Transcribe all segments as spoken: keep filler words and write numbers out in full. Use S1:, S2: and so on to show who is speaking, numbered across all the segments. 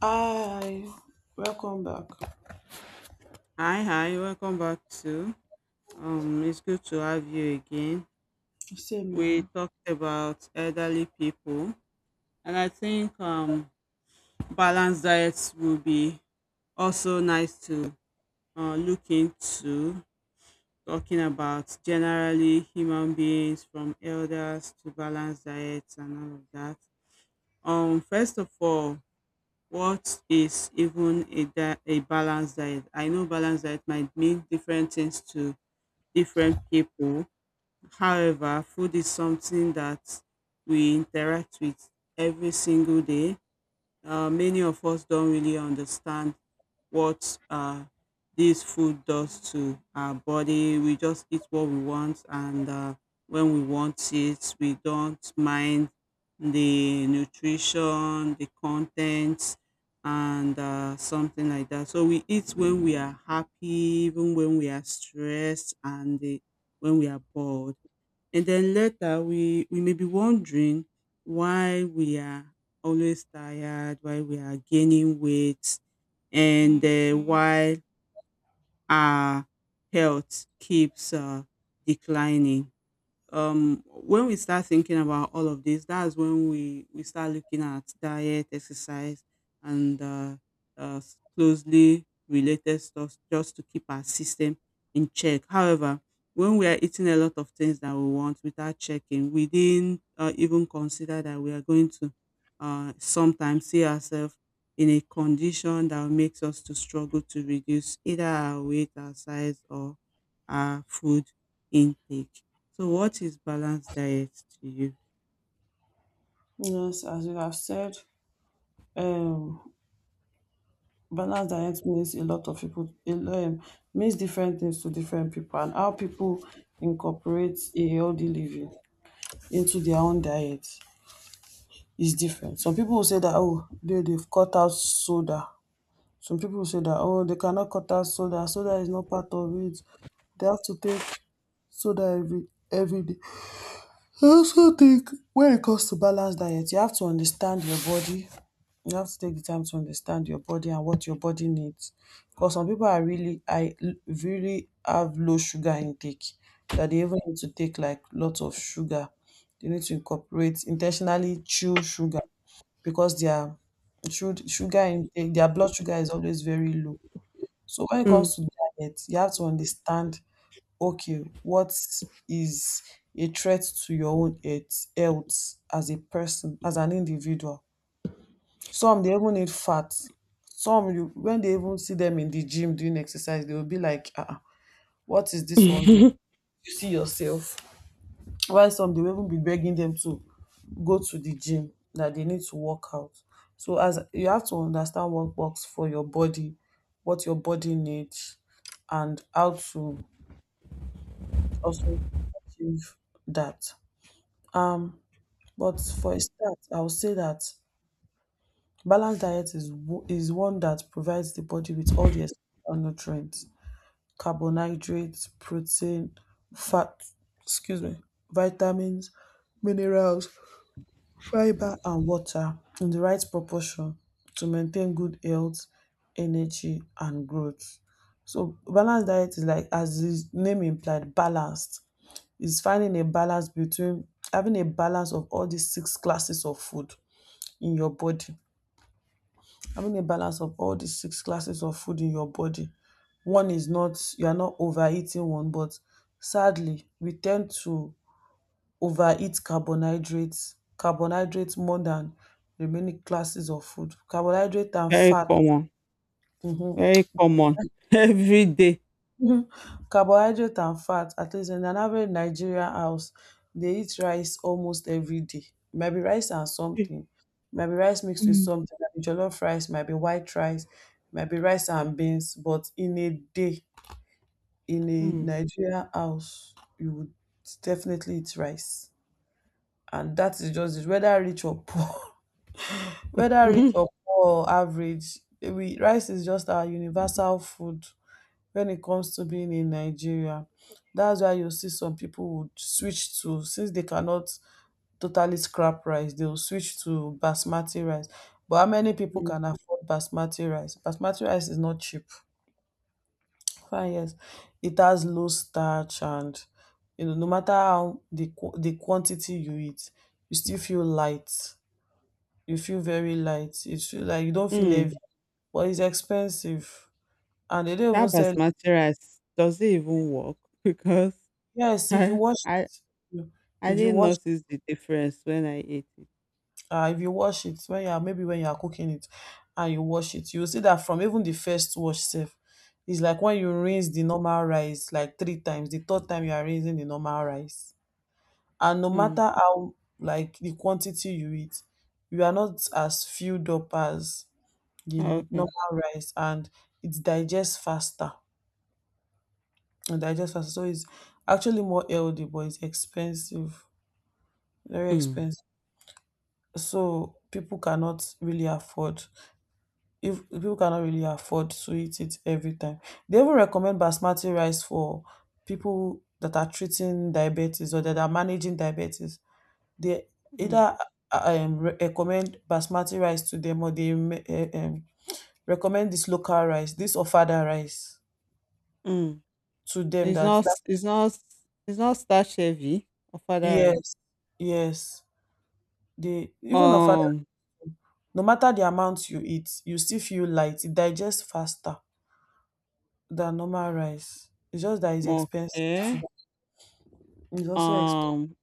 S1: Hi, welcome back.
S2: Hi, hi, welcome back to. Um, it's good to have you again. We
S1: Same
S2: talked about elderly people, and I think um, balanced diets will be also nice to uh, look into. Talking about generally human beings from elders to balanced diets and all of that. Um, first of all, what is even a, di- a balanced diet? I know balanced diet might mean different things to different people. However, food is something that we interact with every single day. Uh, many of us don't really understand what uh, this food does to our body. We just eat what we want, and uh, when we want it, we don't mind the nutrition, the contents, and uh, something like that. So we eat when we are happy, even when we are stressed, and the, when we are bored, and then later we we may be wondering why we are always tired, why we are gaining weight, and uh, Mm-hmm. Why our health keeps uh, declining. Um when we start thinking about all of this, that's when we we start looking at diet, exercise, and uh, uh s- closely related stuff, just to keep our system in check. However, when we are eating a lot of things that we want without checking, we didn't uh, even consider that we are going to uh sometimes see ourselves in a condition that makes us to struggle to reduce either our weight, our size, or our food intake. So what is balanced diet to you?
S1: here. Yes, as you have said, um, balanced diet means a lot of people. It um, means different things to different people, and how people incorporate a healthy living into their own diet is different. Some people will say that oh, they they've cut out soda. Some people will say that oh, they cannot cut out soda. Soda is not part of it. They have to take soda every every day. I also think when it comes to balanced diet, you have to understand your body. You have to take the time to understand your body and what your body needs. Because some people are really, I l- really have low sugar intake that they even need to take like lots of sugar. They need to incorporate intentionally chew sugar because their su- sugar intake, their blood sugar is always very low. So when it
S2: Mm.
S1: comes to diet, you have to understand, okay, what is a threat to your own health, health as a person, as an individual? Some they even need fat. Some you when they even see them in the gym doing exercise, they will be like, uh, what is this one doing? You see yourself. While some they will even be begging them to go to the gym, that they need to work out. So as you have to understand what works for your body, what your body needs, and how to also achieve that. Um, but for a start, I would say that balanced diet is wo- is one that provides the body with all the essential nutrients: carbohydrates, protein, fat, excuse me, vitamins, minerals, fiber, and water in the right proportion to maintain good health, energy, and growth. So balanced diet is like, as the name implied, balanced. It's finding a balance between having a balance of all these six classes of food in your body. Having a balance of all the six classes of food in your body. One is not, you are not overeating one, but sadly, we tend to overeat carbohydrates, carbohydrates more than the many classes of food. Carbohydrate and
S2: Very
S1: fat.
S2: common.
S1: Mhm.
S2: Very common. Every day.
S1: Mhm. Carbohydrate and fat, at least in an average Nigerian house, they eat rice almost every day. Might be rice and something. Might be rice mixed with
S2: Mm.
S1: something. Might be jollof rice. Might be white rice. Might be rice and beans. But in a day, in a
S2: Hmm.
S1: Nigerian house, you would definitely eat rice. And that is just it, whether rich or poor. Whether rich
S2: Mhm.
S1: or poor or average, we, rice is just our universal food when it comes to being in Nigeria. That's why you see some people would switch to, since they cannot totally scrap rice, they will switch to basmati rice. But how many people
S2: Mm.
S1: can afford basmati rice? Basmati rice is not cheap. Fine, yes. It has low starch and you know, no matter how the qu- the quantity you eat, you still feel light. You feel very light. You feel like you don't feel heavy,
S2: Mm.
S1: but it's expensive, and they don't even
S2: That
S1: sell.
S2: basmati rice, does it even work? Because
S1: Yes, if you
S2: I,
S1: wash
S2: I,
S1: it,
S2: I
S1: if you
S2: didn't
S1: wash,
S2: notice the difference when I ate it.
S1: uh, if you wash it when you are maybe when you are cooking it, and you wash it, you will see that from even the first wash self, it's like when you rinse the normal rice like three times, the third time you are rinsing the normal rice, and no
S2: Mm.
S1: matter how like the quantity you eat, you are not as filled up as the normal
S2: Okay.
S1: rice, and it digests faster. It digests faster, so it's actually more healthy, but it's expensive, very
S2: Mm.
S1: expensive. So people cannot really afford, if people cannot really afford to eat it every time. They even recommend basmati rice for people that are treating diabetes or that are managing diabetes. They
S2: Hmm.
S1: either um, re- recommend basmati rice to them or they uh, um, recommend this local rice, this ofada rice
S2: Mm.
S1: to them.
S2: It's
S1: That
S2: not.
S1: that
S2: S- It's not. S- It's not starch heavy or father rice.
S1: yes, yes. They even ofada,
S2: Um.
S1: no matter the amount you eat, you still feel light. It digests faster than normal rice. It's just that it's expensive too.
S2: Okay.
S1: It's also expensive.
S2: Um.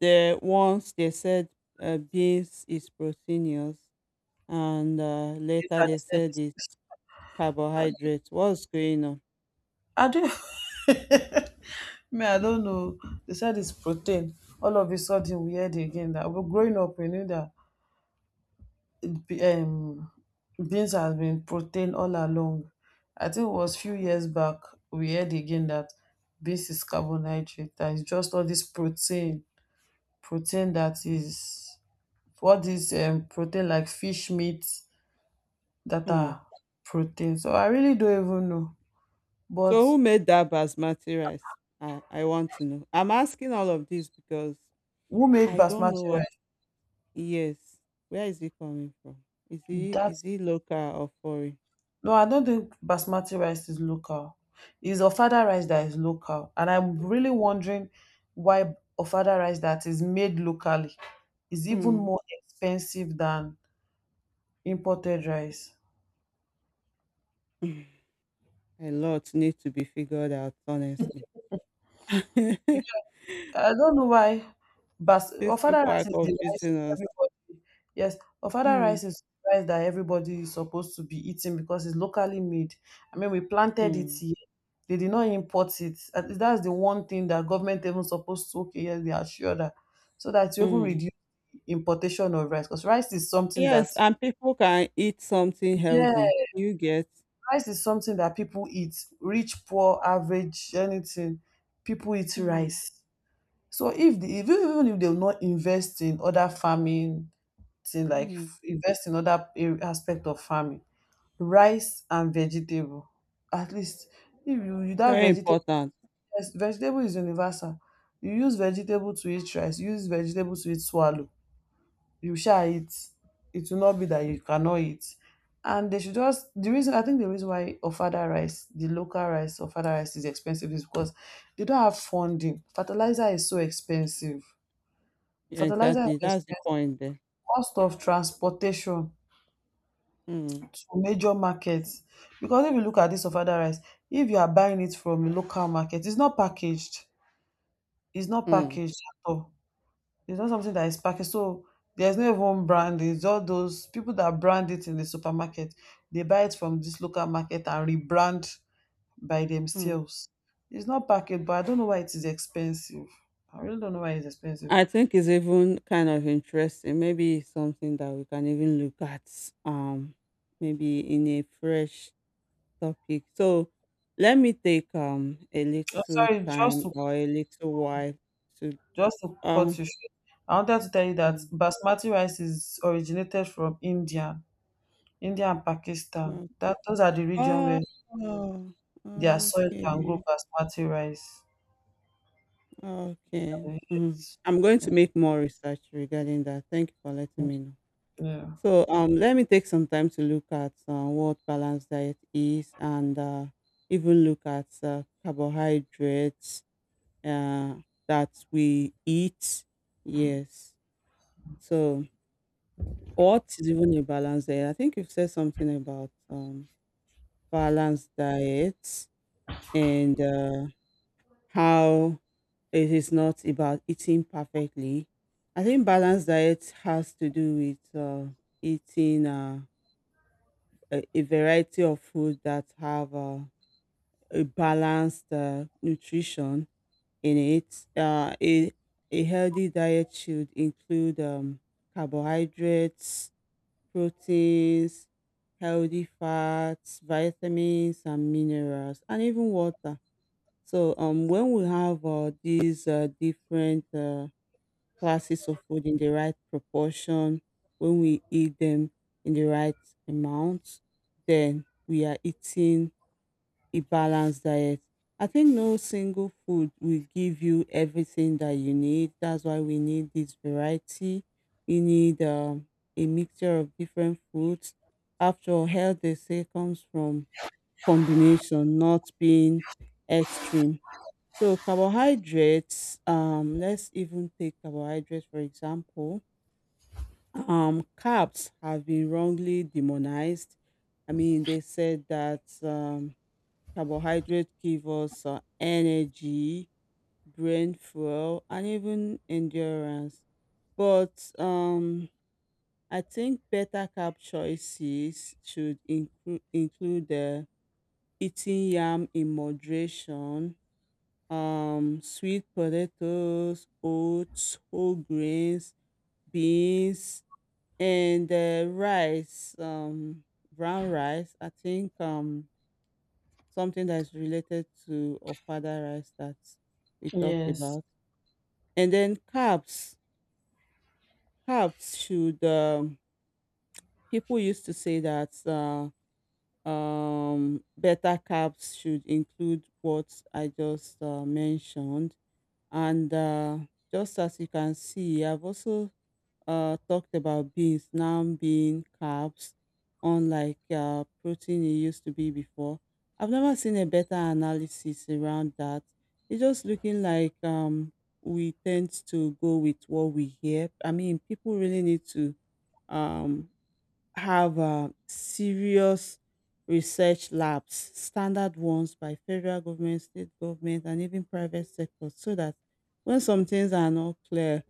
S2: The once they said uh, beans is proteinous, and uh, later
S1: That
S2: they
S1: they said
S2: said
S1: it's.
S2: it's carbohydrates. What's going on?
S1: I do. Me, I don't know. They said it's protein. All of a sudden, we heard again that we're growing up. We knew that it be- um, beans has been protein all along. I think it was few years back we heard again that beans is carbohydrate. That is just all this protein, protein that is what is um, protein like fish meat that
S2: Hmm.
S1: are protein. So I really don't even know. But
S2: So who made that basmati rice? I, I want to know. I'm asking all of this because
S1: who made
S2: I don't know
S1: basmati
S2: what.
S1: rice?
S2: Yes. Where is he coming from? Is he is
S1: That's,
S2: he local or foreign?
S1: no, I don't think basmati rice is local. It's ofada rice that is local, and I'm really wondering why ofada rice that is made locally is even
S2: Hmm.
S1: more expensive than imported rice.
S2: A lot need to be figured out, honestly.
S1: I don't know why bas
S2: These
S1: ofada
S2: people are
S1: rice is the rice
S2: confusing us.
S1: everybody, yes, ofada
S2: Mm,
S1: rice is rice that everybody is supposed to be eating because it's locally made. I mean we planted it
S2: mm,
S1: here. They did not import it. At least that's the one thing that government even supposed to okay, yes, they are sure that so that you even
S2: mm.
S1: reduce importation of rice because rice is something that,
S2: Yes, and people can eat something
S1: yeah,
S2: healthy. You get
S1: rice is something that people eat. Rich, poor, average, anything. People eat
S2: mm,
S1: rice. So if the if even if they will not invest in other farming thing like
S2: mm.
S1: f- invest in other ar- aspect of farming, rice and vegetable. At least if you you that
S2: Very
S1: vegetable,
S2: important.
S1: yes, vegetable is universal. You use vegetable to eat rice, you use vegetable to eat swallow. You shall eat. It will not be that you cannot eat. And they should just the reason I think the reason why ofada rice, the local rice, ofada rice is expensive is because they don't have funding. Fertilizer is so expensive. Fertilizer
S2: Exactly.
S1: is
S2: That's the
S1: expensive,
S2: point there.
S1: cost of transportation
S2: Mm,
S1: to major markets. Because if you look at this of other rice, if you are buying it from a local market, it's not packaged. It's not
S2: mm,
S1: packaged at all. It's not something that is packaged. So there's no even brand. It's all those people that brand it in the supermarket. They buy it from this local market and rebrand by
S2: mm.
S1: themselves. It's not packaged, but I don't know why it is expensive. I really don't know why it's expensive.
S2: I think it's even kind of interesting. Maybe it's something that we can even look at um maybe in a fresh topic. So let me take um a
S1: Oh,
S2: little
S1: sorry, just
S2: time
S1: to,
S2: or a little while to
S1: just to cut
S2: um
S1: you short, I wanted to tell you that
S2: mm,
S1: basmati rice is originated from India, India and Pakistan.
S2: no.
S1: That those are the region
S2: Oh,
S1: where their soil can grow
S2: okay.
S1: basmati rice.
S2: Okay. Mm.
S1: Yes.
S2: I'm going to make more research regarding that. Thank you for letting
S1: Mhm.
S2: me know.
S1: Yeah.
S2: So um, let me take some time to look at uh, what balanced diet is, and uh, even look at uh, carbohydrates uh, that we eat. Yes. So, what is even a balanced diet? I think you've said something about um, balanced diets and uh, how it is not about eating perfectly. I think balanced diet has to do with uh, eating. Uh, a a variety of food that have uh, a balanced uh, nutrition in it. Uh, a, a healthy diet should include um, carbohydrates, proteins, healthy fats, vitamins, and minerals, and even water. So, um, when we have uh, these uh, different uh, classes of food in the right proportion, when we eat them in the right amount, then we are eating a balanced diet. I think no single food will give you everything that you need. That's why we need this variety. We need um, a mixture of different foods. After all, health, they say, comes from combination, not being extreme. So carbohydrates, um, let's even take carbohydrates for example. Um, carbs have been wrongly demonized. I mean, they said that um, carbohydrates give us uh, energy, brain fuel, and even endurance. But um, I think better carb choices should include include uh, eating yam in moderation, um sweet potatoes, oats, whole grains, beans, and uh, rice, um brown rice. I think um something that's related to ofada rice that we talked
S1: Yes.
S2: about. And then carbs. Carbs should um people used to say that uh, um better carbs should include what I just uh, mentioned. And uh, just as you can see, I've also uh, talked about beans now being carbs, unlike uh, protein it used to be before. I've never seen a better analysis around that. It's just looking like um, we tend to go with what we hear. I mean, people really need to um, have um serious research labs, standard ones by federal government, state government, and even private sector, so that when some things are not clear,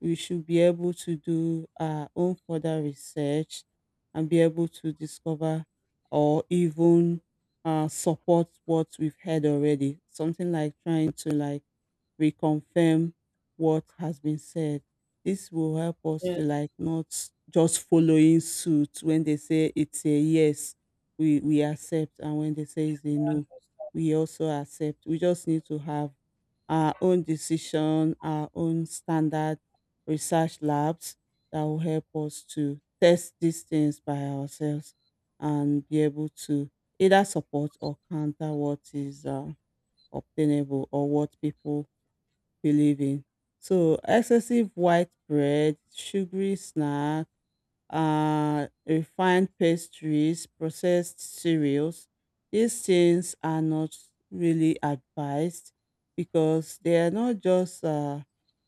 S2: we should be able to do our own further research and be able to discover or even uh, support what we've heard already. Something like trying to like reconfirm what has been said. This will help us
S1: Yes.
S2: to like not just following suit. When they say it's a yes, we we accept, and when they say it's a no, we also accept. We just need to have our own decision, our own standard research labs that will help us to test these things by ourselves, and be able to either support or counter what is uh, obtainable or what people believing. So excessive white bread, sugary snack, uh, refined pastries, processed cereals, these things are not really advised because they are not just uh,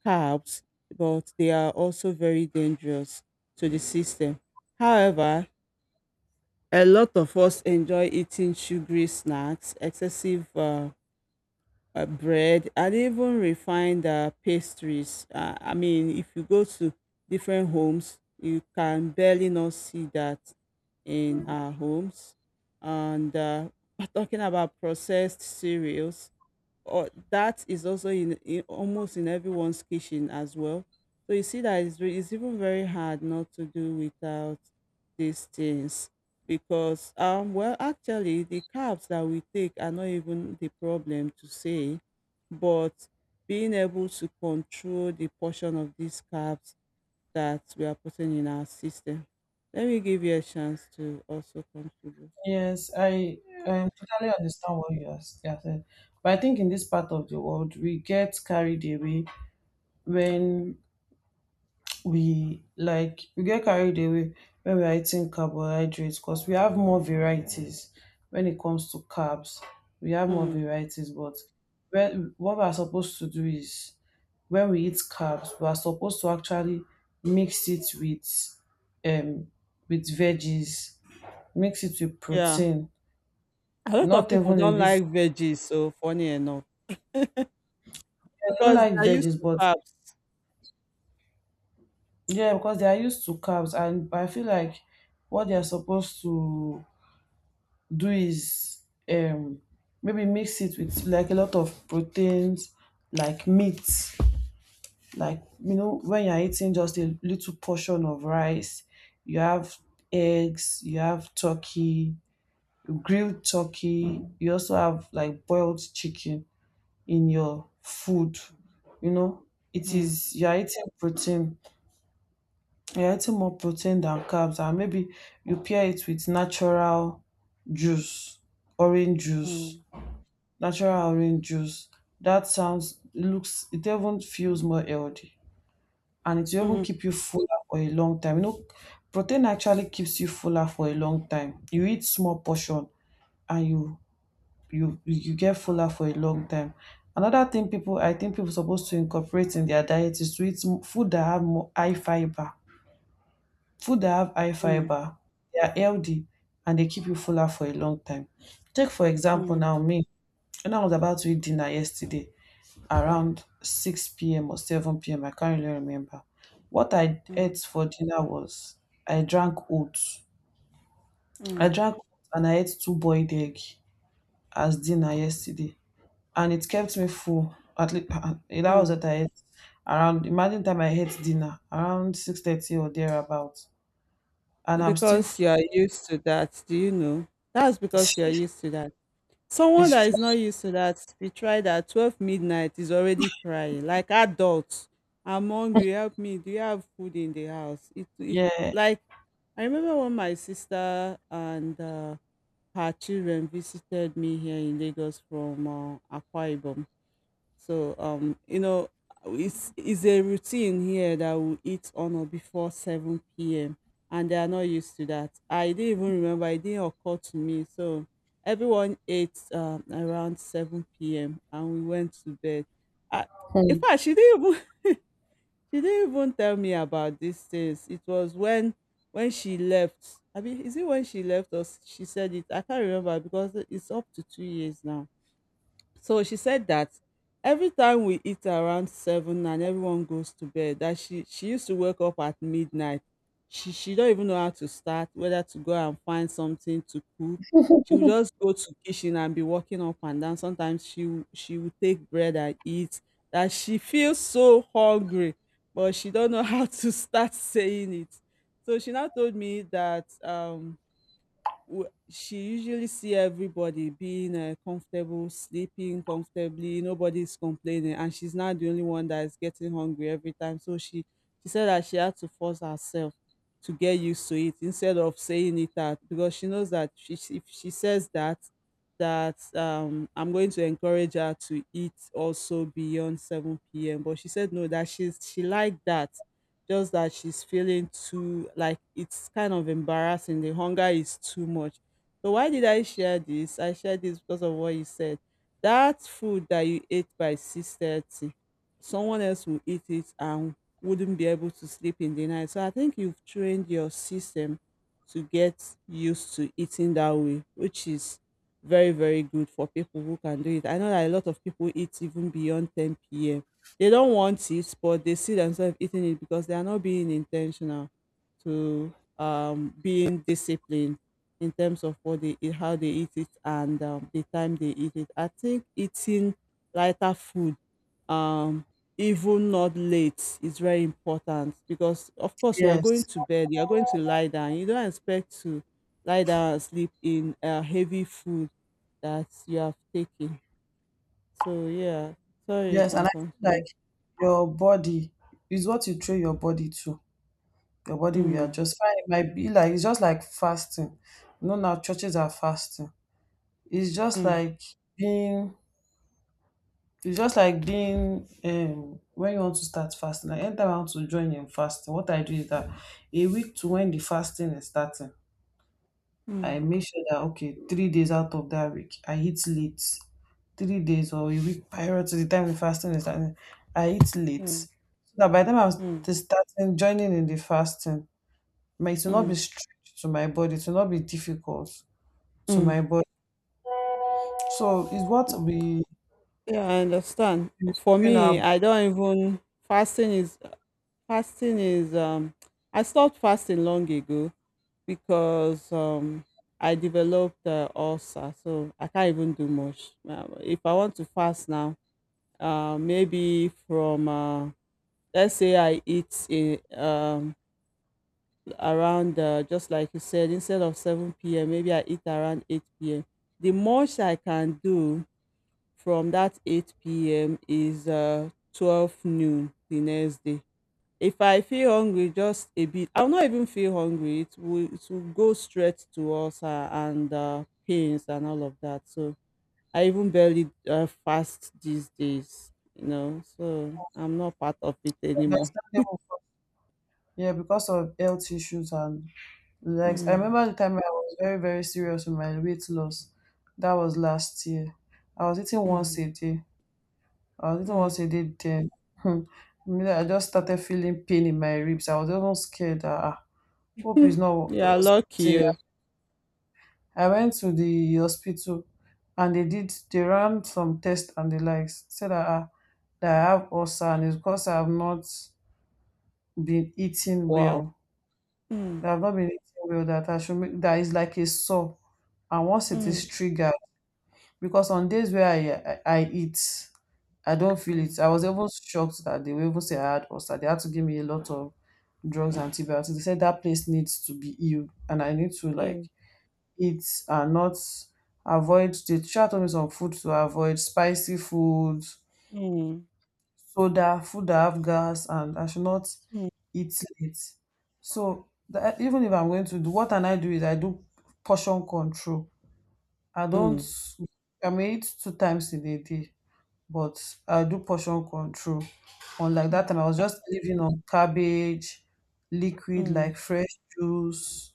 S2: carbs, but they are also very dangerous to the system. However, a lot of us enjoy eating sugary snacks, excessive uh, uh, bread and even refined uh, pastries. Uh, I mean, if you go to different homes, you can barely not see that in our homes. And uh, talking about processed cereals, or that is also in, in almost in everyone's kitchen as well. So you see that it's, re- it's even very hard not to do without these things because um well, actually, the carbs that we take are not even the problem to say, but being able to control the portion of these carbs that we are putting in our system. Let me give you a chance to also contribute.
S1: Yes. I um, totally understand what you are s- you are saying. But I think in this part of the world, we get carried away when we like we get carried away when we are eating carbohydrates because we have more varieties when it comes to carbs. We have more
S2: Mm,
S1: varieties, but when, what we are supposed to do is when we eat carbs, we are supposed to actually mix it with um with veggies, mix it with
S2: yeah,
S1: protein.
S2: a lot of
S1: Not
S2: people
S1: even in
S2: don't like
S1: this
S2: veggies. So funny enough.
S1: I don't
S2: Because
S1: like
S2: they're used
S1: veggies,
S2: to
S1: but
S2: carbs.
S1: yeah, because they are used to carbs and I feel like what they are supposed to do is um maybe mix it with like a lot of proteins like meat, like you know when you're eating just a little portion of rice, you have eggs, you have turkey, grilled turkey, you also have like boiled chicken in your food, you know, it
S2: Mm,
S1: is you're eating protein, you're eating more protein than carbs and maybe you pair it with natural juice, orange
S2: mm,
S1: juice, natural orange juice. That sounds looks it even feels more healthy and it will even
S2: mm,
S1: keep you fuller for a long time. You know, protein actually keeps you fuller for a long time. You eat small portion and you you you get fuller for a long time. Another thing people I think people supposed to incorporate in their diet is to eat m- food that have more high fiber. Food that have high
S2: mm,
S1: fiber, they are healthy and they keep you fuller for a long time. Take for example
S2: mm,
S1: now me, when I was about to eat dinner yesterday, around six p m or seven p m. I can't really remember. What I
S2: mm,
S1: ate for dinner was I drank oats. I
S2: mm,
S1: drank oats and I ate two boiled egg as dinner yesterday, and it kept me full. At least that
S2: mm.
S1: was what I ate around. Imagine time I ate dinner around six thirty or thereabout, and I'm still full.
S2: Because you are used to that, do you know? That's because you are used to that. Someone
S1: It's
S2: that
S1: true.
S2: is not used to that, we try that twelve midnight is already crying, like adults. I'm hungry, help me. Do you have food in the house? It, it
S1: Yeah.
S2: Like, I remember when my sister and uh, her children visited me here in Lagos from uh, Akwa Ibom. So, um, you know, it's, it's a routine here that we eat on or before seven p m. And they are not used to that. I didn't even remember, it didn't occur to me. So everyone ate um, around seven p m and we went to bed. I, in
S1: Hmm.
S2: fact, she didn't even she didn't even tell me about these things. It was when when she left. I mean, is it when she left or s- she said it? I can't remember because it's up to two years now. So she said that every time we eat around seven and everyone goes to bed, that she she used to wake up at midnight. She she don't even know how to start, whether to go and find something to cook. She would just go to kitchen and be walking up and down. Sometimes she would- she would take bread and eat. That she feels so hungry, but she don't know how to start saying it. So she now told me that um w- she usually see everybody being uh, comfortable, sleeping comfortably. Nobody's complaining, and she's not the only one that is getting hungry every time. So she she said that she had to force herself to get used to it instead of saying it out, because she knows that she, she- if she says that that um I'm going to encourage her to eat also beyond seven p m. But she said no that she's she liked that, just that she's feeling too like it's kind of embarrassing. The hunger is too much. So why did I share this? I shared this because of what you said. That food that you ate by six thirty, someone else will eat it and wouldn't be able to sleep in the night. So I think you've trained your system to get used to eating that way, which is very, very good for people who can do it. I know that a lot of people eat even beyond ten p.m., they don't want it, but they see themselves eating it because they are not being intentional to um, being disciplined in terms of what they eat, how they eat it, and um, the time they eat it. I think eating lighter food, um, even not late, is very important because, of course, you are going
S1: Yes.
S2: to bed, you are going to lie down. You don't expect to lie down and sleep in uh, heavy food that you have taken. So, yeah, sorry, you
S1: Yes, and
S2: can
S1: I feel
S2: continue.
S1: like your body is what you train your body to. Your body will
S2: Hmm.
S1: adjust. Fine, it might be like it's just like fasting. You know now churches are fasting. It's just
S2: Mm,
S1: like being it's just like being um when you want to start fasting. Like anytime I want to join in fasting, what I do is that a week to when the fasting is starting, I
S2: mm,
S1: make sure that okay, three days out of that week, I eat late. Three days or a week prior to the time the fasting is starting, I eat late.
S2: mm,
S1: So that by the time I'm
S2: mm,
S1: st- starting joining in the fasting, my it will not be
S2: mm,
S1: strict to my body, it will not be difficult to my
S2: mm.
S1: body. So it's what we
S2: Yeah, I understand.
S1: we
S2: For
S1: train our
S2: me,
S1: body
S2: I don't even fasting is fasting is um I stopped fasting long ago because um I developed uh, ulcer, so I can't even do much. Uh, if I want to fast now, uh, maybe from uh, let's say I eat in, um around uh, just like you said, instead of seven p m, maybe I eat around eight p m. The most I can do from that eight p m is uh, twelve noon the next day. If I feel hungry, just a bit, I'll not even feel hungry. It will, it will go straight to ulcer and uh, pains and all of that. So I even barely uh, fast these days, you know, so I'm not part of it anymore.
S1: understandable. Yeah, because of health issues and like I
S2: Mm,
S1: remember the time I was very, very serious with my weight loss. That was last year. I was eating once
S2: mm,
S1: a day. I was eating
S2: mm.
S1: once a day then. Hmm. I mean, I just started feeling pain in my ribs. I was even scared that ah, hope it's
S2: You
S1: not uh,
S2: lucky.
S1: something.
S2: Oh.
S1: I went to the hospital and they did they ran some tests and the likes said that, ah, that I have ulcer and it's because I have not been eating
S2: Wow.
S1: well,
S2: Mm,
S1: that I've not been eating well, that I should make that is like a sore, and once it is
S2: mm,
S1: triggered, because on days where i i, I eat I don't feel it.
S2: mm,
S1: I was even shocked that they were even say I had ulcer. They had to give me a lot of drugs and antibiotics. They said that place needs to be healed and I need to
S2: yeah.
S1: like eat and not avoid the teacher taught me some food to avoid: spicy food,
S2: Mm,
S1: soda, food that have gas, and I should not
S2: mm,
S1: eat late. So that, even if I'm going to do what can I do is I do portion control. I don't
S2: mm,
S1: I may eat two times in a day, but I do portion control. Unlike that time,
S2: mm,
S1: I was just living on cabbage, liquid
S2: mm,
S1: like fresh juice,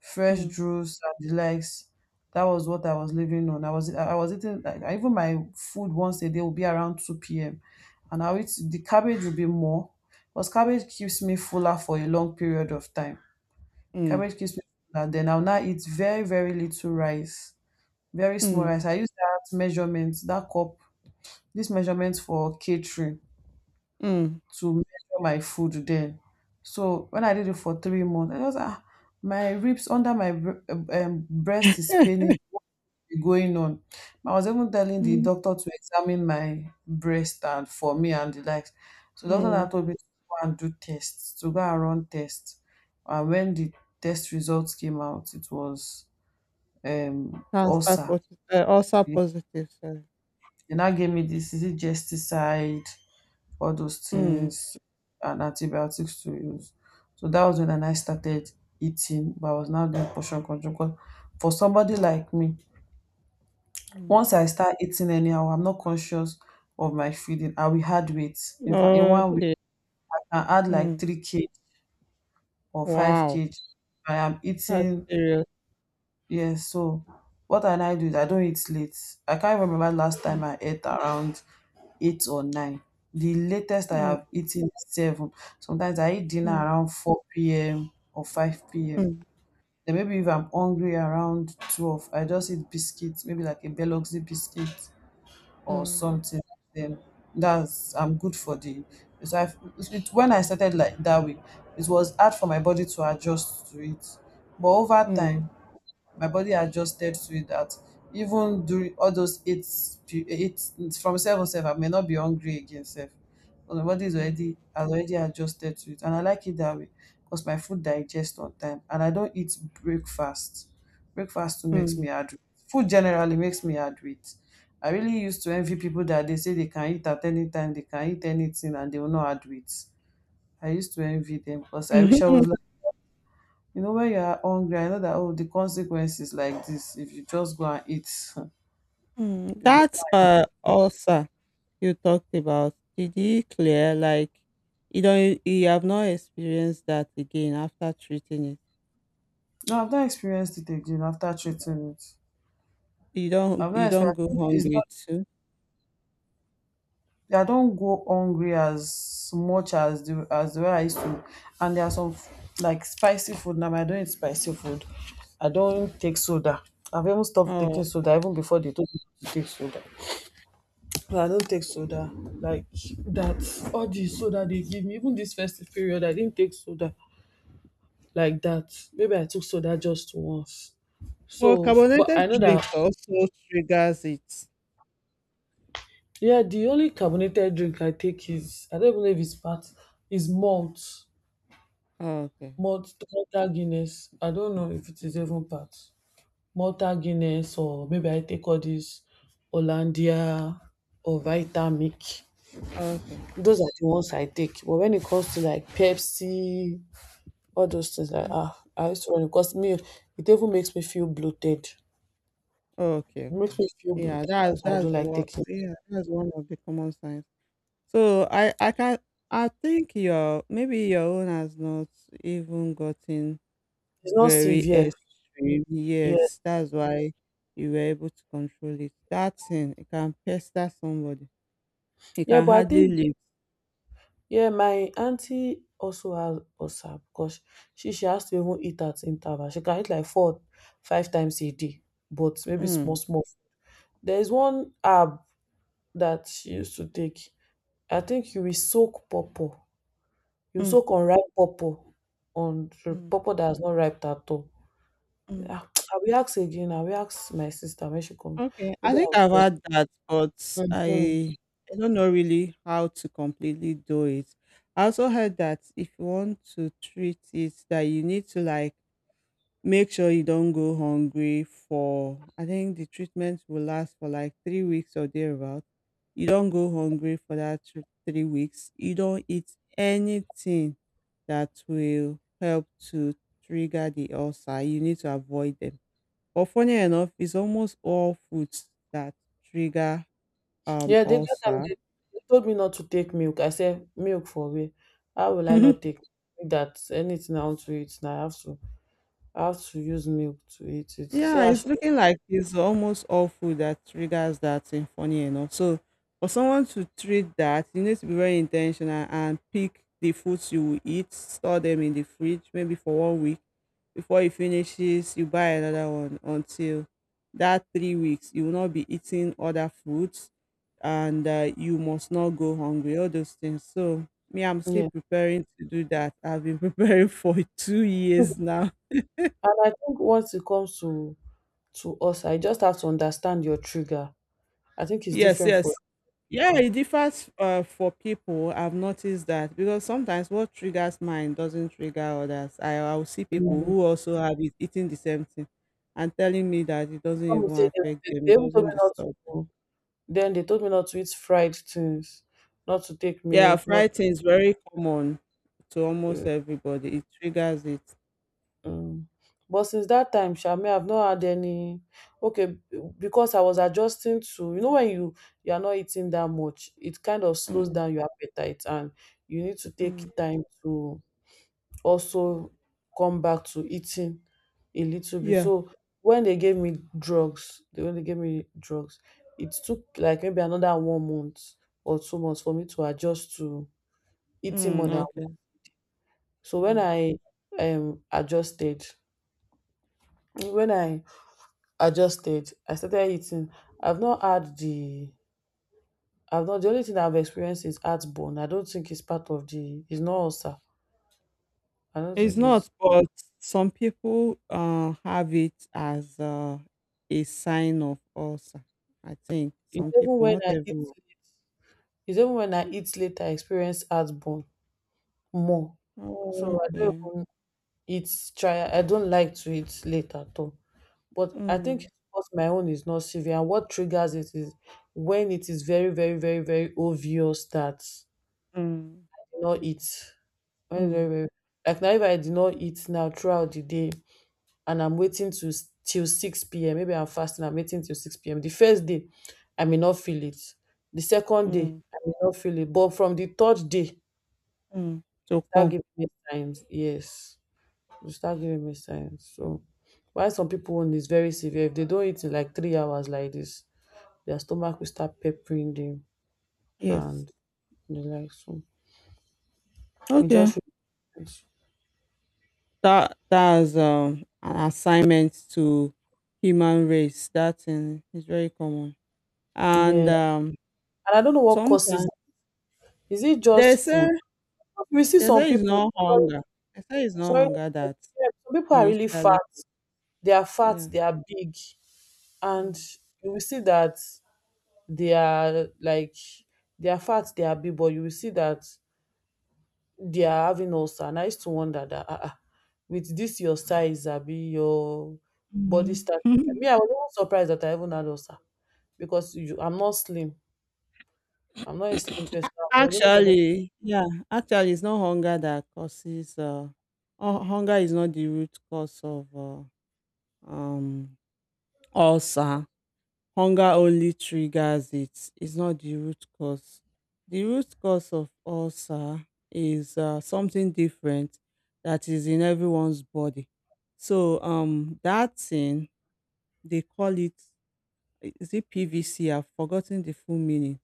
S1: fresh
S2: mm,
S1: juice and the likes. That was what I was living on. I was I was eating like I- even my food once a day will be around two p m. And I eat the cabbage will be more. Because cabbage keeps me fuller for a long period of time.
S2: mm.
S1: Cabbage keeps me fuller. And then I'll now eat very, very little rice. Very small
S2: Mm,
S1: rice. I use that measurement, that cup, this measurement for catering
S2: mm,
S1: to measure my food then. So when I did it for three months, I was ah, my ribs under my bre- um, breast is paining going on. I was even telling the
S2: mm,
S1: doctor to examine my breast and for me and the likes. So doctor now
S2: mm.
S1: told me to go and do tests, to go and run tests. And when the test results came out, it was um
S2: Transfer
S1: ulcer.
S2: poti eee, ulcer
S1: Yeah.
S2: positive, sorry.
S1: They now gave me this is it gesticide all those
S2: Mm,
S1: things and antibiotics to use. So that was when I now started eating, but I was now doing portion control. Because for somebody like me,
S2: mm.
S1: once I start eating anyhow, I'm not conscious of my feeding. I will add weight. In fact, in one week,
S2: Okay.
S1: I can add like
S2: Mm.
S1: three kilograms or 5
S2: Wow,
S1: kg. I am
S2: that's
S1: eating.
S2: serious.
S1: Yes, so what I now do is I don't eat late. I can't remember last
S2: Mm,
S1: time I ate around eight or nine. The latest I
S2: mm,
S1: have eaten is seven. Sometimes I eat dinner
S2: mm,
S1: around four p m or five p m. Then maybe if I'm hungry around twelve, I just eat biscuits, maybe like a Biloxi biscuit
S2: mm,
S1: or
S2: mm,
S1: something. Then that's I'm good for the. So I it, when I started like that way, it was hard for my body to adjust to it. But over
S2: mm,
S1: time, my body adjusted to it that even during all those eight pe- eight from seven sef I may not be hungry again sef, but my body is
S2: mm,
S1: already has already adjusted to it and I like it that way, because my food digest on time and I don't eat breakfast. Breakfast too makes
S2: mm.
S1: me add weight. Food generally makes me add weight. I really used to envy people that they say they can eat at any time, they can eat anything and they will not add weight. I used to envy them because I wish I
S2: Mhm,
S1: was, you know, when you are hungry, I know that oh, the consequences like this if you just go and eat.
S2: mm.
S1: If you
S2: That,
S1: go and eat.
S2: uh, ulcer you talked about, did you clear? Like, you don't you have not experienced that again after treating it?
S1: No, I've not experienced it again after treating it.
S2: You
S1: I've
S2: don't you
S1: not
S2: don't
S1: experienced
S2: go
S1: I think it's
S2: hungry
S1: not
S2: too?
S1: I don't go hungry as much as the as the way I used to. And there are some like spicy food now. I don't eat spicy food. I don't take soda. I've even stopped
S2: Oh.
S1: taking soda even before they told me to take soda. No, I don't take soda like that. All the soda they give me, even this festive period, I didn't take soda. Like that. Maybe I took soda just once.
S2: But
S1: So, f- but I
S2: carbonated
S1: know that
S2: drinks also triggers it.
S1: yeah, the only carbonated drink I take is I don't even know if it's part is malt,
S2: Okay,
S1: malt Malta Guinness. I don't know if it is even part Malta Guinness or maybe I take all these Hollandia or Vitamix.
S2: okay,
S1: Those are the ones I take. But when it comes to like Pepsi, all those things, like
S2: mm,
S1: ah, I used to run because me, it even makes me feel bloated. It
S2: okay,
S1: makes
S2: okay.
S1: me feel
S2: Yeah,
S1: bloated.
S2: that's
S1: So I
S2: that's
S1: don't like
S2: what.
S1: taking
S2: Yeah, that's one of the common signs. So I I can I think your maybe your own has not even gotten
S1: It's not
S2: very
S1: severe.
S2: extreme.
S1: Yeah.
S2: Yes, that's why you were able to control it. That thing it can pester somebody. It
S1: Yeah,
S2: can
S1: but I
S2: hardly
S1: think
S2: live.
S1: yeah, my auntie also has ulcer because she she has to even eat at interval. She can eat like four, five times a day, but maybe small,
S2: Mm,
S1: small. There is one herb that she used to take. I think you will soak pawpaw. You
S2: mm,
S1: soak unripe pawpaw on the
S2: mm,
S1: pawpaw that has not ripe at all.
S2: mm.
S1: Ah, I will ask again. I will ask my sister when she come.
S2: Okay, I
S1: Maybe
S2: think
S1: I'll
S2: I've had that, but
S1: tell.
S2: I I don't know really how to completely do it. I also heard that if you want to treat it, that you need to like make sure you don't go hungry for. I think the treatment will last for like three weeks or thereabout. You don't go hungry for that thr- three weeks. You don't eat anything that will help to trigger the ulcer. You need to avoid them but funny enough, it's almost all foods that trigger um
S1: Yeah, they that time
S2: ulcer.
S1: they, they told me not to take milk. I said, milk for where? How will I not take that? Anything I want to eat now, I have to I have to use milk to eat it.
S2: Yeah,
S1: So I
S2: it's
S1: should,
S2: looking like it's almost all food that triggers that thing, funny enough. So for someone to treat that, you need to be very intentional and pick the foods you will eat, store them in the fridge, maybe for one week. Before it finishes, you buy another one until that three weeks. You will not be eating other foods and uh, you must not go hungry, all those things. So me, I'm still
S1: yeah.
S2: preparing to do that. I've been preparing for two years now.
S1: And I think once it comes to to us, I just have to understand your trigger. I think it's
S2: Yes,
S1: different for
S2: yes. Yeah,
S1: people.
S2: it differs uh, for people. I've noticed that because sometimes what triggers mine doesn't trigger others. I, I'll see people
S1: Mm.
S2: who also have it eating the same thing and telling me that it doesn't
S1: Some will
S2: even
S1: say they,
S2: affect
S1: they
S2: them,
S1: they
S2: it
S1: even told
S2: doesn't
S1: me not to.
S2: disturb them.
S1: Then they told me not to eat fried things, not to take
S2: Yeah,
S1: milk, not
S2: frightening is very common to almost everybody. It triggers it.
S1: Mm. But since that time sha, I've not had any okay, because I was adjusting to you know when you you are not eating that much, it kind of slows
S2: Mm,
S1: down your appetite and you need to take
S2: mm.
S1: time to also come back to eating a little bit.
S2: Yeah.
S1: So when they gave me drugs, they when they gave me drugs, it took like maybe another one month or two months for me to adjust to eating
S2: Mm,
S1: more than
S2: okay.
S1: So when
S2: Mm.
S1: I um adjusted, when I adjusted. I started eating. I've not had the I've not the only thing I've experienced is heartburn. I don't think it's part of the it's not ulcer. I don't
S2: It's
S1: think it's
S2: not, but some people uh, have it as uh, a sign of ulcer. I think
S1: it's
S2: some
S1: even
S2: people,
S1: when
S2: not
S1: I eat
S2: everyone.
S1: it's even when I eat late I experience heartburn more.
S2: Oh,
S1: So I don't
S2: okay.
S1: even eat try I don't like to eat late at all. But I think
S2: Mm,
S1: it's because my own is not severe and what triggers it is when it is very, very, very, very obvious that
S2: mm,
S1: not eat. Very,
S2: mm,
S1: very, very. Like now, if I did not eat now throughout the day and I'm waiting to s- till six p m, maybe I'm fasting, I'm waiting till six p m. The first day, I may not feel it. The second day,
S2: mm,
S1: I may not feel it. But from the third day, you
S2: mm. So
S1: start
S2: come,
S1: giving me signs. Yes, you start giving me signs. So, why some people own is very severe. If they don't eat in like three hours like this, their stomach will start peppering them
S2: yes.
S1: and the like. So, it
S2: Okay.
S1: just,
S2: That that's um, an assignment to human race. That thing is very common, and
S1: yeah.
S2: um,
S1: And I don't know what causes
S2: sometimes
S1: it. Is it
S2: they
S1: just food?
S2: say
S1: We see
S2: they
S1: some
S2: say it's
S1: people
S2: not
S1: sorry
S2: hunger. They say it's not
S1: sorry
S2: hunger that
S1: to some people are really fat
S2: initially,
S1: they are fat
S2: yeah.
S1: they are big and
S2: Mm.
S1: you will see that they are like they are fat they are big but you will see that they are having ulcer and I used to wonder that ah, ah, with this your size abi your body
S2: Mhm.
S1: stature me I was even surprised that I even had ulcer because you, I'm not slim I'm not a slim person I was even
S2: Actually, yeah, actually, it's not hunger that causes, uh, hu- hunger is not the root cause of uh, um, ulcer. Hunger only triggers it. It's not the root cause. The root cause of ulcer is uh, something different that is in everyone's body. So um, that thing they call it is it P V C? I've forgotten the full meaning.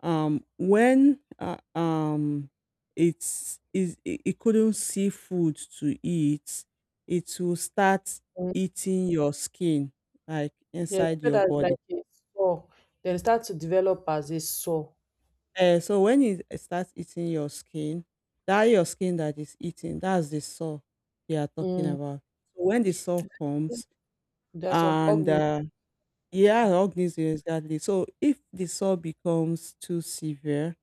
S2: Um, when uh, um, it's is it, it couldn't see food to eat, it will start
S1: surprised.
S2: eating your skin, like
S1: Yeah,
S2: inside
S1: so
S2: your
S1: that's like
S2: body.
S1: a sore. Then start to develop as a sore.
S2: Uh, so when it starts eating your skin, that your skin that is eating, that's the sore they are talking
S1: Mm.
S2: about. So when the sore comes
S1: There are some
S2: and
S1: organs.
S2: uh, yeah, organism exactly. So if the sore becomes too severe,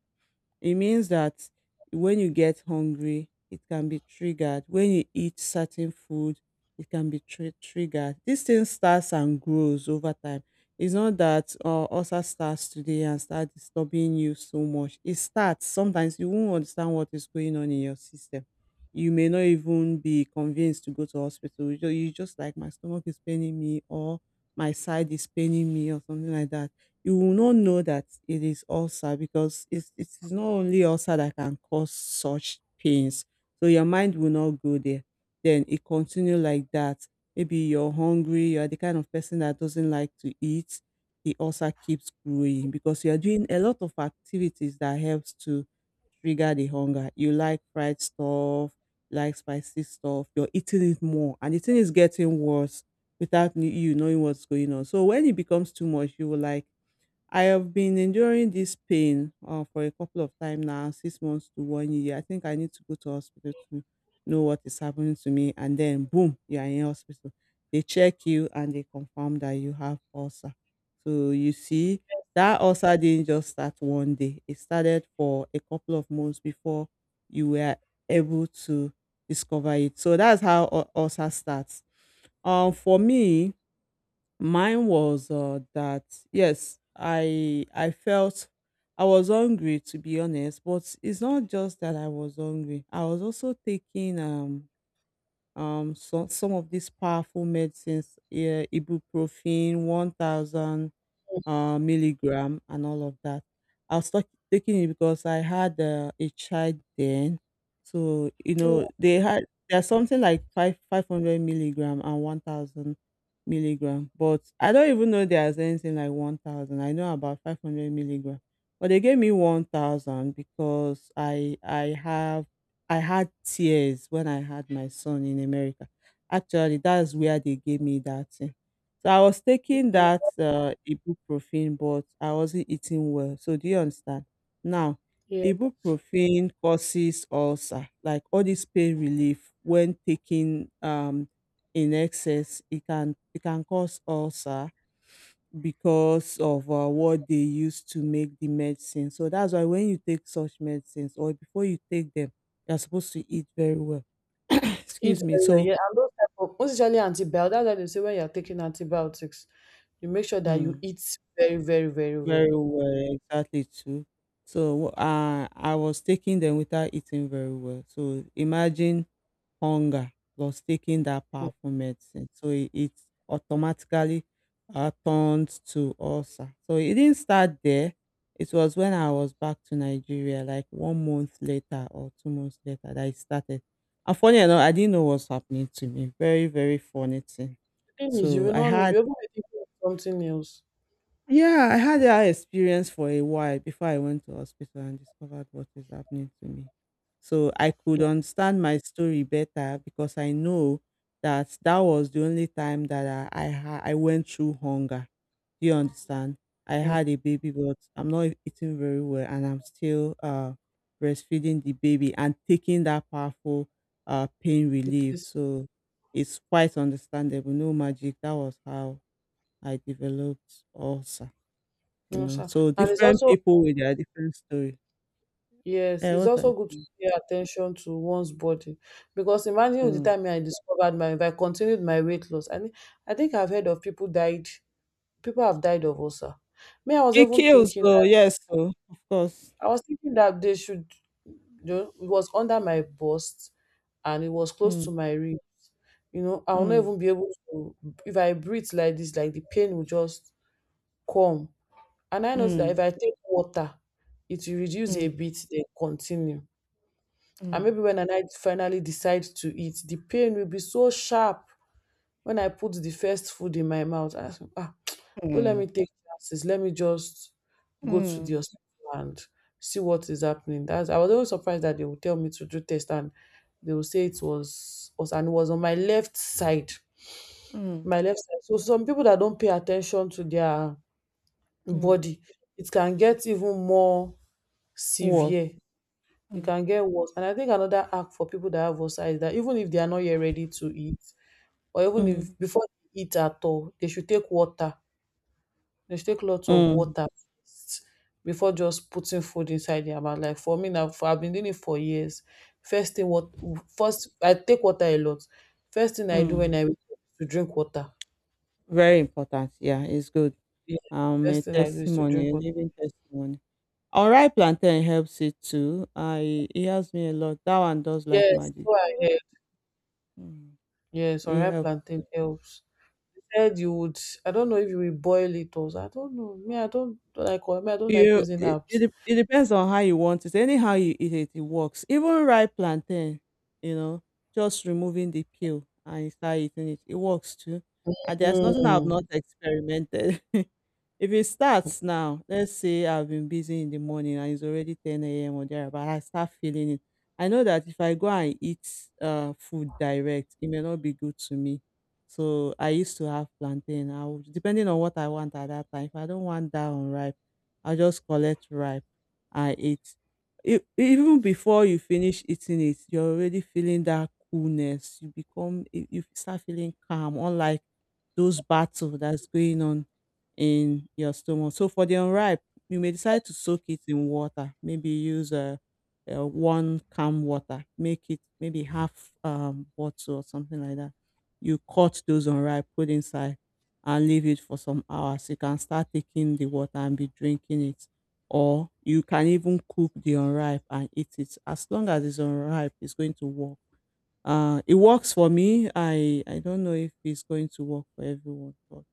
S2: it means that when you get hungry, it can be triggered. When you eat certain food, it can be tri- triggered. This thing starts and grows over time. It's not that uh, ulcer starts today and start disturbing you so much. It starts. Sometimes you won't understand what is going on in your system. You may not even be convinced to go to hospital. You just, you just like my stomach is paining me or my side is paining me or something like that you will not know that it is ulcer because it's, it is not only ulcer that can cause such pains. So your mind will not go there. Then it continue like that. Maybe you're hungry, you are the kind of person that doesn't like to eat. The ulcer keeps growing because you are doing a lot of activities that helps to trigger the hunger. You like fried stuff, like spicy stuff, you're eating it more and the thing is getting worse without n- you knowing what's going on. So when it becomes too much, you will like I have been enduring this pain uh, for a couple of time now, six months to one year. I think I need to go to hospital to know what is happening to me. And then, boom, you are in hospital. They check you and they confirm that you have ulcer. So you see, that ulcer didn't just start one day. It started for a couple of months before you were able to discover it. So that's how ul- ulcer starts. Um, for me, mine was uh, that, yes, I I felt I was hungry to be honest, but it's not just that I was hungry. I was also taking um um so, some of these powerful medicines, yeah, ibuprofen, one thousand uh, milligram and all of that. I was tak- taking it because I had uh, a child then, so you
S1: Mm,
S2: know they had there's something like five five hundred milligram and one thousand milligram, but I don't even know there's anything like one thousand. I know about five hundred milligram, but they gave me one thousand because I I have I had tears when I had my son in America. Actually, that's where they gave me that thing so I was taking that
S1: mm,
S2: uh, ibuprofen, but I wasn't eating well. So do you understand? Now,
S1: yeah,
S2: ibuprofen causes ulcer, like all this pain relief when taken um in excess, it can it can cause ulcer because of uh, what they use to make the medicine. So that's why when you take such medicines or before you take them, you're supposed to eat very well.
S1: eat
S2: Excuse me.
S1: very well.
S2: So.
S1: Yeah, and those type of, most especially antibiotics. That's why they say when you're taking antibiotics, you make sure that you
S2: Mm.
S1: eat very, very, very
S2: Very
S1: well.
S2: well, exactly too. So uh, I was taking them without eating very well. So imagine hunger plus taking that
S1: Mm.
S2: powerful medicine. So it, it automatically uh, turned to ulcer. So it didn't start there. It was when I was back to Nigeria, like one month later or two months later, that it started. And funny enough, I didn't know what's happening to me. Very, very funny thing.
S1: The thing is, you
S2: So
S1: will
S2: I
S1: not know.
S2: had
S1: You ever be thinking of something else.
S2: yeah, I had that experience for a while before I went to hospital and discovered what is happening to me. So I could understand my story better because I know that that was the only time that I I, ha- I went through hunger. Do you understand? I
S1: Mm.
S2: had a baby, but I'm not eating very well, and I'm still uh, breastfeeding the baby and taking that powerful uh, pain
S1: It
S2: relief.
S1: is-
S2: So it's quite understandable. No magic. That was how I developed ulcer. You
S1: no,
S2: know,
S1: sir.
S2: so
S1: And it's
S2: different
S1: also
S2: people with their different story.
S1: Yes,
S2: Yeah,
S1: it's
S2: what I
S1: also good to
S2: think.
S1: pay attention to one's body because imagine with the
S2: Mm.
S1: time I discovered my, if I continued my weight loss, I mean, I think I've heard of people died, people have died of ulcer. Me, I was
S2: It
S1: even
S2: kills
S1: thinking,
S2: though, yes, so of course.
S1: I was thinking that they should, you know, it was under my bust and it was close
S2: Mm,
S1: to my rib. You know, I will not
S2: mm,
S1: even be able to, if I breathe like this, like the pain will just come. And I noticed that
S2: mm,
S1: if I take water, it will reduce a
S2: mm,
S1: bit, then continue. And
S2: mm,
S1: maybe when I night finally decide to eat, the pain will be so sharp when I put the first food in my mouth. I say, ah, don't let me
S2: mm,
S1: take chances. Let me just go to the
S2: mm,
S1: hospital and see what is happening. That's I was always surprised that they would tell me to do test and they will say it was was and it was on my left side.
S2: mm,
S1: My left side. So some people that don't pay attention to their
S2: mm.
S1: body, it can get even more severe.
S2: Was.
S1: It
S2: Mm,
S1: can get worse. And I think another act for people that have ulcer is that even if they are not yet ready to eat, or even
S2: mm,
S1: if before they eat at all, they should take water. They should take lots of
S2: mm,
S1: water first before just putting food inside their mouth. Like for me now, for, I've been doing it for years. First thing, what first I take water a lot. First thing I do when
S2: mm.
S1: I wake up is to drink water.
S2: Very important. Yeah, it's good.
S1: Yeah,
S2: Um, a
S1: first thing I do is to
S2: testimony,
S1: drink
S2: a
S1: water.
S2: living testimony. All right, plantain helps it too. I it helps me a lot. That one does like
S1: Yes,
S2: magic.
S1: so I heard.
S2: Mm.
S1: Yes,
S2: It
S1: unripe
S2: helps.
S1: plantain helps. Said you would I don't know if you will boil it also. I don't know. Me, I don't like me, I don't like
S2: You
S1: using
S2: it it
S1: apps.
S2: dep it depends on how you want it. Anyhow you eat it, it works. Even ripe plantain, you know, just removing the peel and you start eating it, it works too. And there's nothing I've
S1: Mm,
S2: not experimented. If it starts now, let's say I've been busy in the morning and it's already ten a m or there, but I start feeling it. I know that if I go and eat uh, food direct, it may not be good to me. So I used to have plantain. I would, depending on what I want at that time. If I don't want that unripe, I'll just collect ripe I eat. E- even before you finish eating it, you're already feeling that coolness. You become you you start feeling calm, unlike those battle that's going on in your stomach. So for the unripe, you may decide to soak it in water. Maybe use a, uh uh, one calm water, make it maybe half um bottle or something like that. You cut those unripe, put inside and leave it for some hours. You can start taking the water and be drinking it. Or you can even cook the unripe and eat it. As long as it's unripe, it's going to work. Uh, it works for me. I, I don't know if it's going to work for everyone, but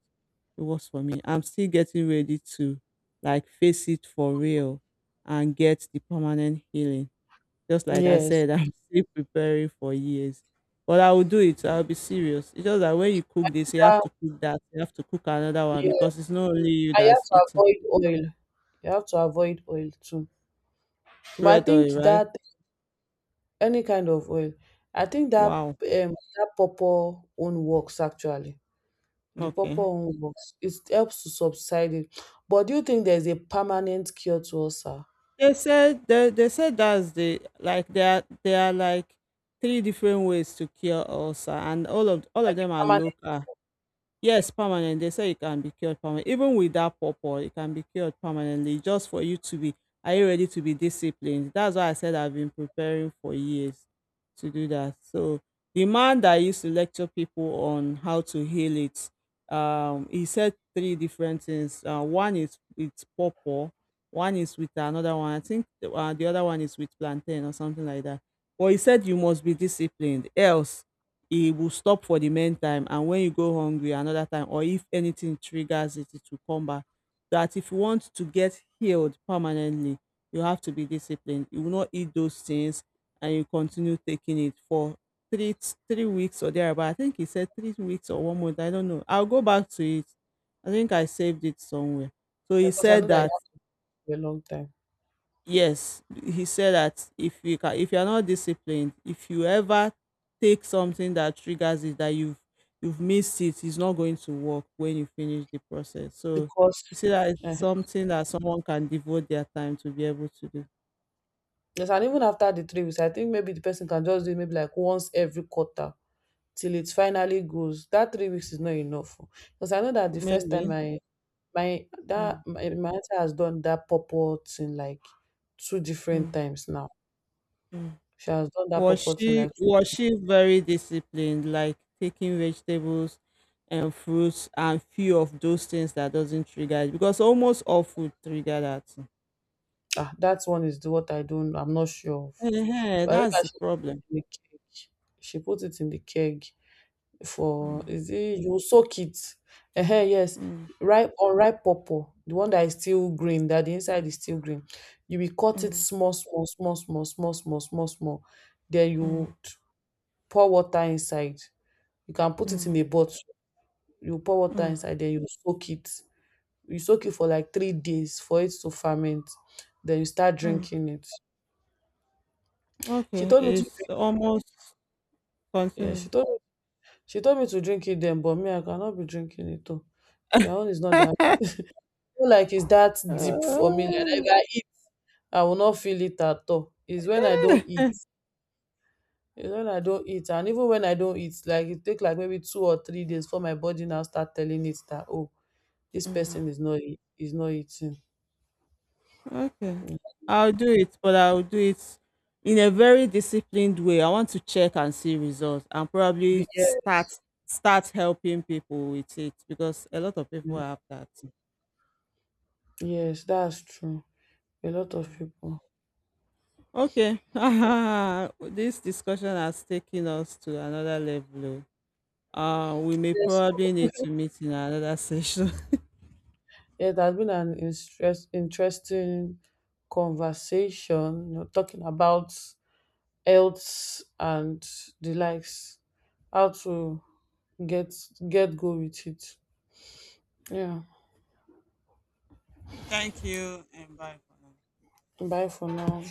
S2: it works for me. I'm still getting ready to like face it for real and get the permanent healing. Just like I
S1: yes.
S2: said, I'm still preparing for years. But I will do it. I'll be serious. It's just that when you cook this, you have
S1: Yeah,
S2: to cook that. You have to cook another one because
S1: yes.
S2: it's not only you
S1: I have
S2: that's
S1: to
S2: eating.
S1: avoid oil. You have to avoid oil too. But I
S2: Red oil,
S1: think
S2: right?
S1: that any kind of oil, I think that
S2: Wow.
S1: um that purple own works actually. The
S2: Okay.
S1: purple own works. It helps to subside it. But do you think there's a permanent cure to ulcer?
S2: They said they, they said that's the like there are there are like three different ways to cure ulcer, and all of all of them are
S1: Permanent
S2: local. Yes, permanent. They say it can be cured permanent. Even without pawpaw, it can be cured permanently. Just for you to be, are you ready to be disciplined? That's why I said I've been preparing for years to do that. So the man that used to lecture people on how to heal it, um, he said three different things. Uh, one is with pawpaw, one is with another one. I think the, uh, the other one is with plantain or something like that. But he said you must be disciplined, else e will stop for the meantime, and when you go hungry another time, or if anything triggers it, it will come back, that if you want to get healed permanently, you have to be disciplined. You will not eat those things, and you continue taking it for three three weeks or thereabout. I think he said three weeks or one month. I don't know. I'll go back to it. I think I saved it somewhere. So he
S1: because I know
S2: said
S1: that you
S2: that,
S1: have for a long time.
S2: yes, he said that if you can, if you are not disciplined, if you ever take something that triggers it, that you've you've missed it, it's not going to work when you finish the process. So
S1: Because
S2: you see that
S1: uh
S2: it's something that someone can devote their time to be able to do.
S1: yes, and even after the three weeks, I think maybe the person can just do it maybe like once every quarter till it finally goes. That three weeks is not enough. Because I know that the first time
S2: Maybe.
S1: I my that
S2: Mm,
S1: my, my auntie has done that purple thing like two different
S2: mm,
S1: times now.
S2: mm.
S1: She has done that
S2: Was
S1: purple thing
S2: she
S1: like
S2: was she very disciplined, like taking vegetables and fruits and few of those things that doesn't trigger it? Because almost all food trigger that.
S1: ah that one is the what I don't I'm not sure of.
S2: Uh-huh,
S1: But I know
S2: that's
S1: that
S2: the
S1: she put
S2: problem.
S1: it in the keg. She put it in the keg. For
S2: Mm,
S1: is it you soak it ehen yes
S2: mm,
S1: ripe unripe pawpaw the one that is still green that the inside is still green you will cut it
S2: mm,
S1: small small small small small small small small then you
S2: mm,
S1: would pour water inside you can put it in
S2: mm,
S1: a bottle you pour water
S2: mm,
S1: inside then you soak it you soak it for like three days for it to ferment then you start
S2: mm.
S1: drinking it. She
S2: Okay,
S1: told me to
S2: it's
S1: drink
S2: almost
S1: yeah she
S2: continue.
S1: told she told me to drink it then but me I cannot be drinking it though, but my own is not that no like it's that deep for me. Like that if I eat, I will not feel it at all. It's when I don't eat. It's when I don't eat. And even when I don't eat, like it take like maybe two or three days for my body now start telling it that oh, this
S2: Mm.
S1: person is not eat, is not eating.
S2: Okay.
S1: Mm.
S2: I'll do it, but I'll do it in a very disciplined way. I want to check and see results and probably
S1: Yeah.
S2: start start helping people with it because a lot of people
S1: Yeah.
S2: have that.
S1: Yes, that's true. A lot of people.
S2: Okay. This discussion has taken us to another level. Oh. Uh, we may
S1: Yes.
S2: probably need to meet in another session.
S1: Yeah, it has been an interest, interesting conversation, you know, talking about health and the likes. How to get get go with it yeah
S2: Thank you and bye for now.
S1: bye for now.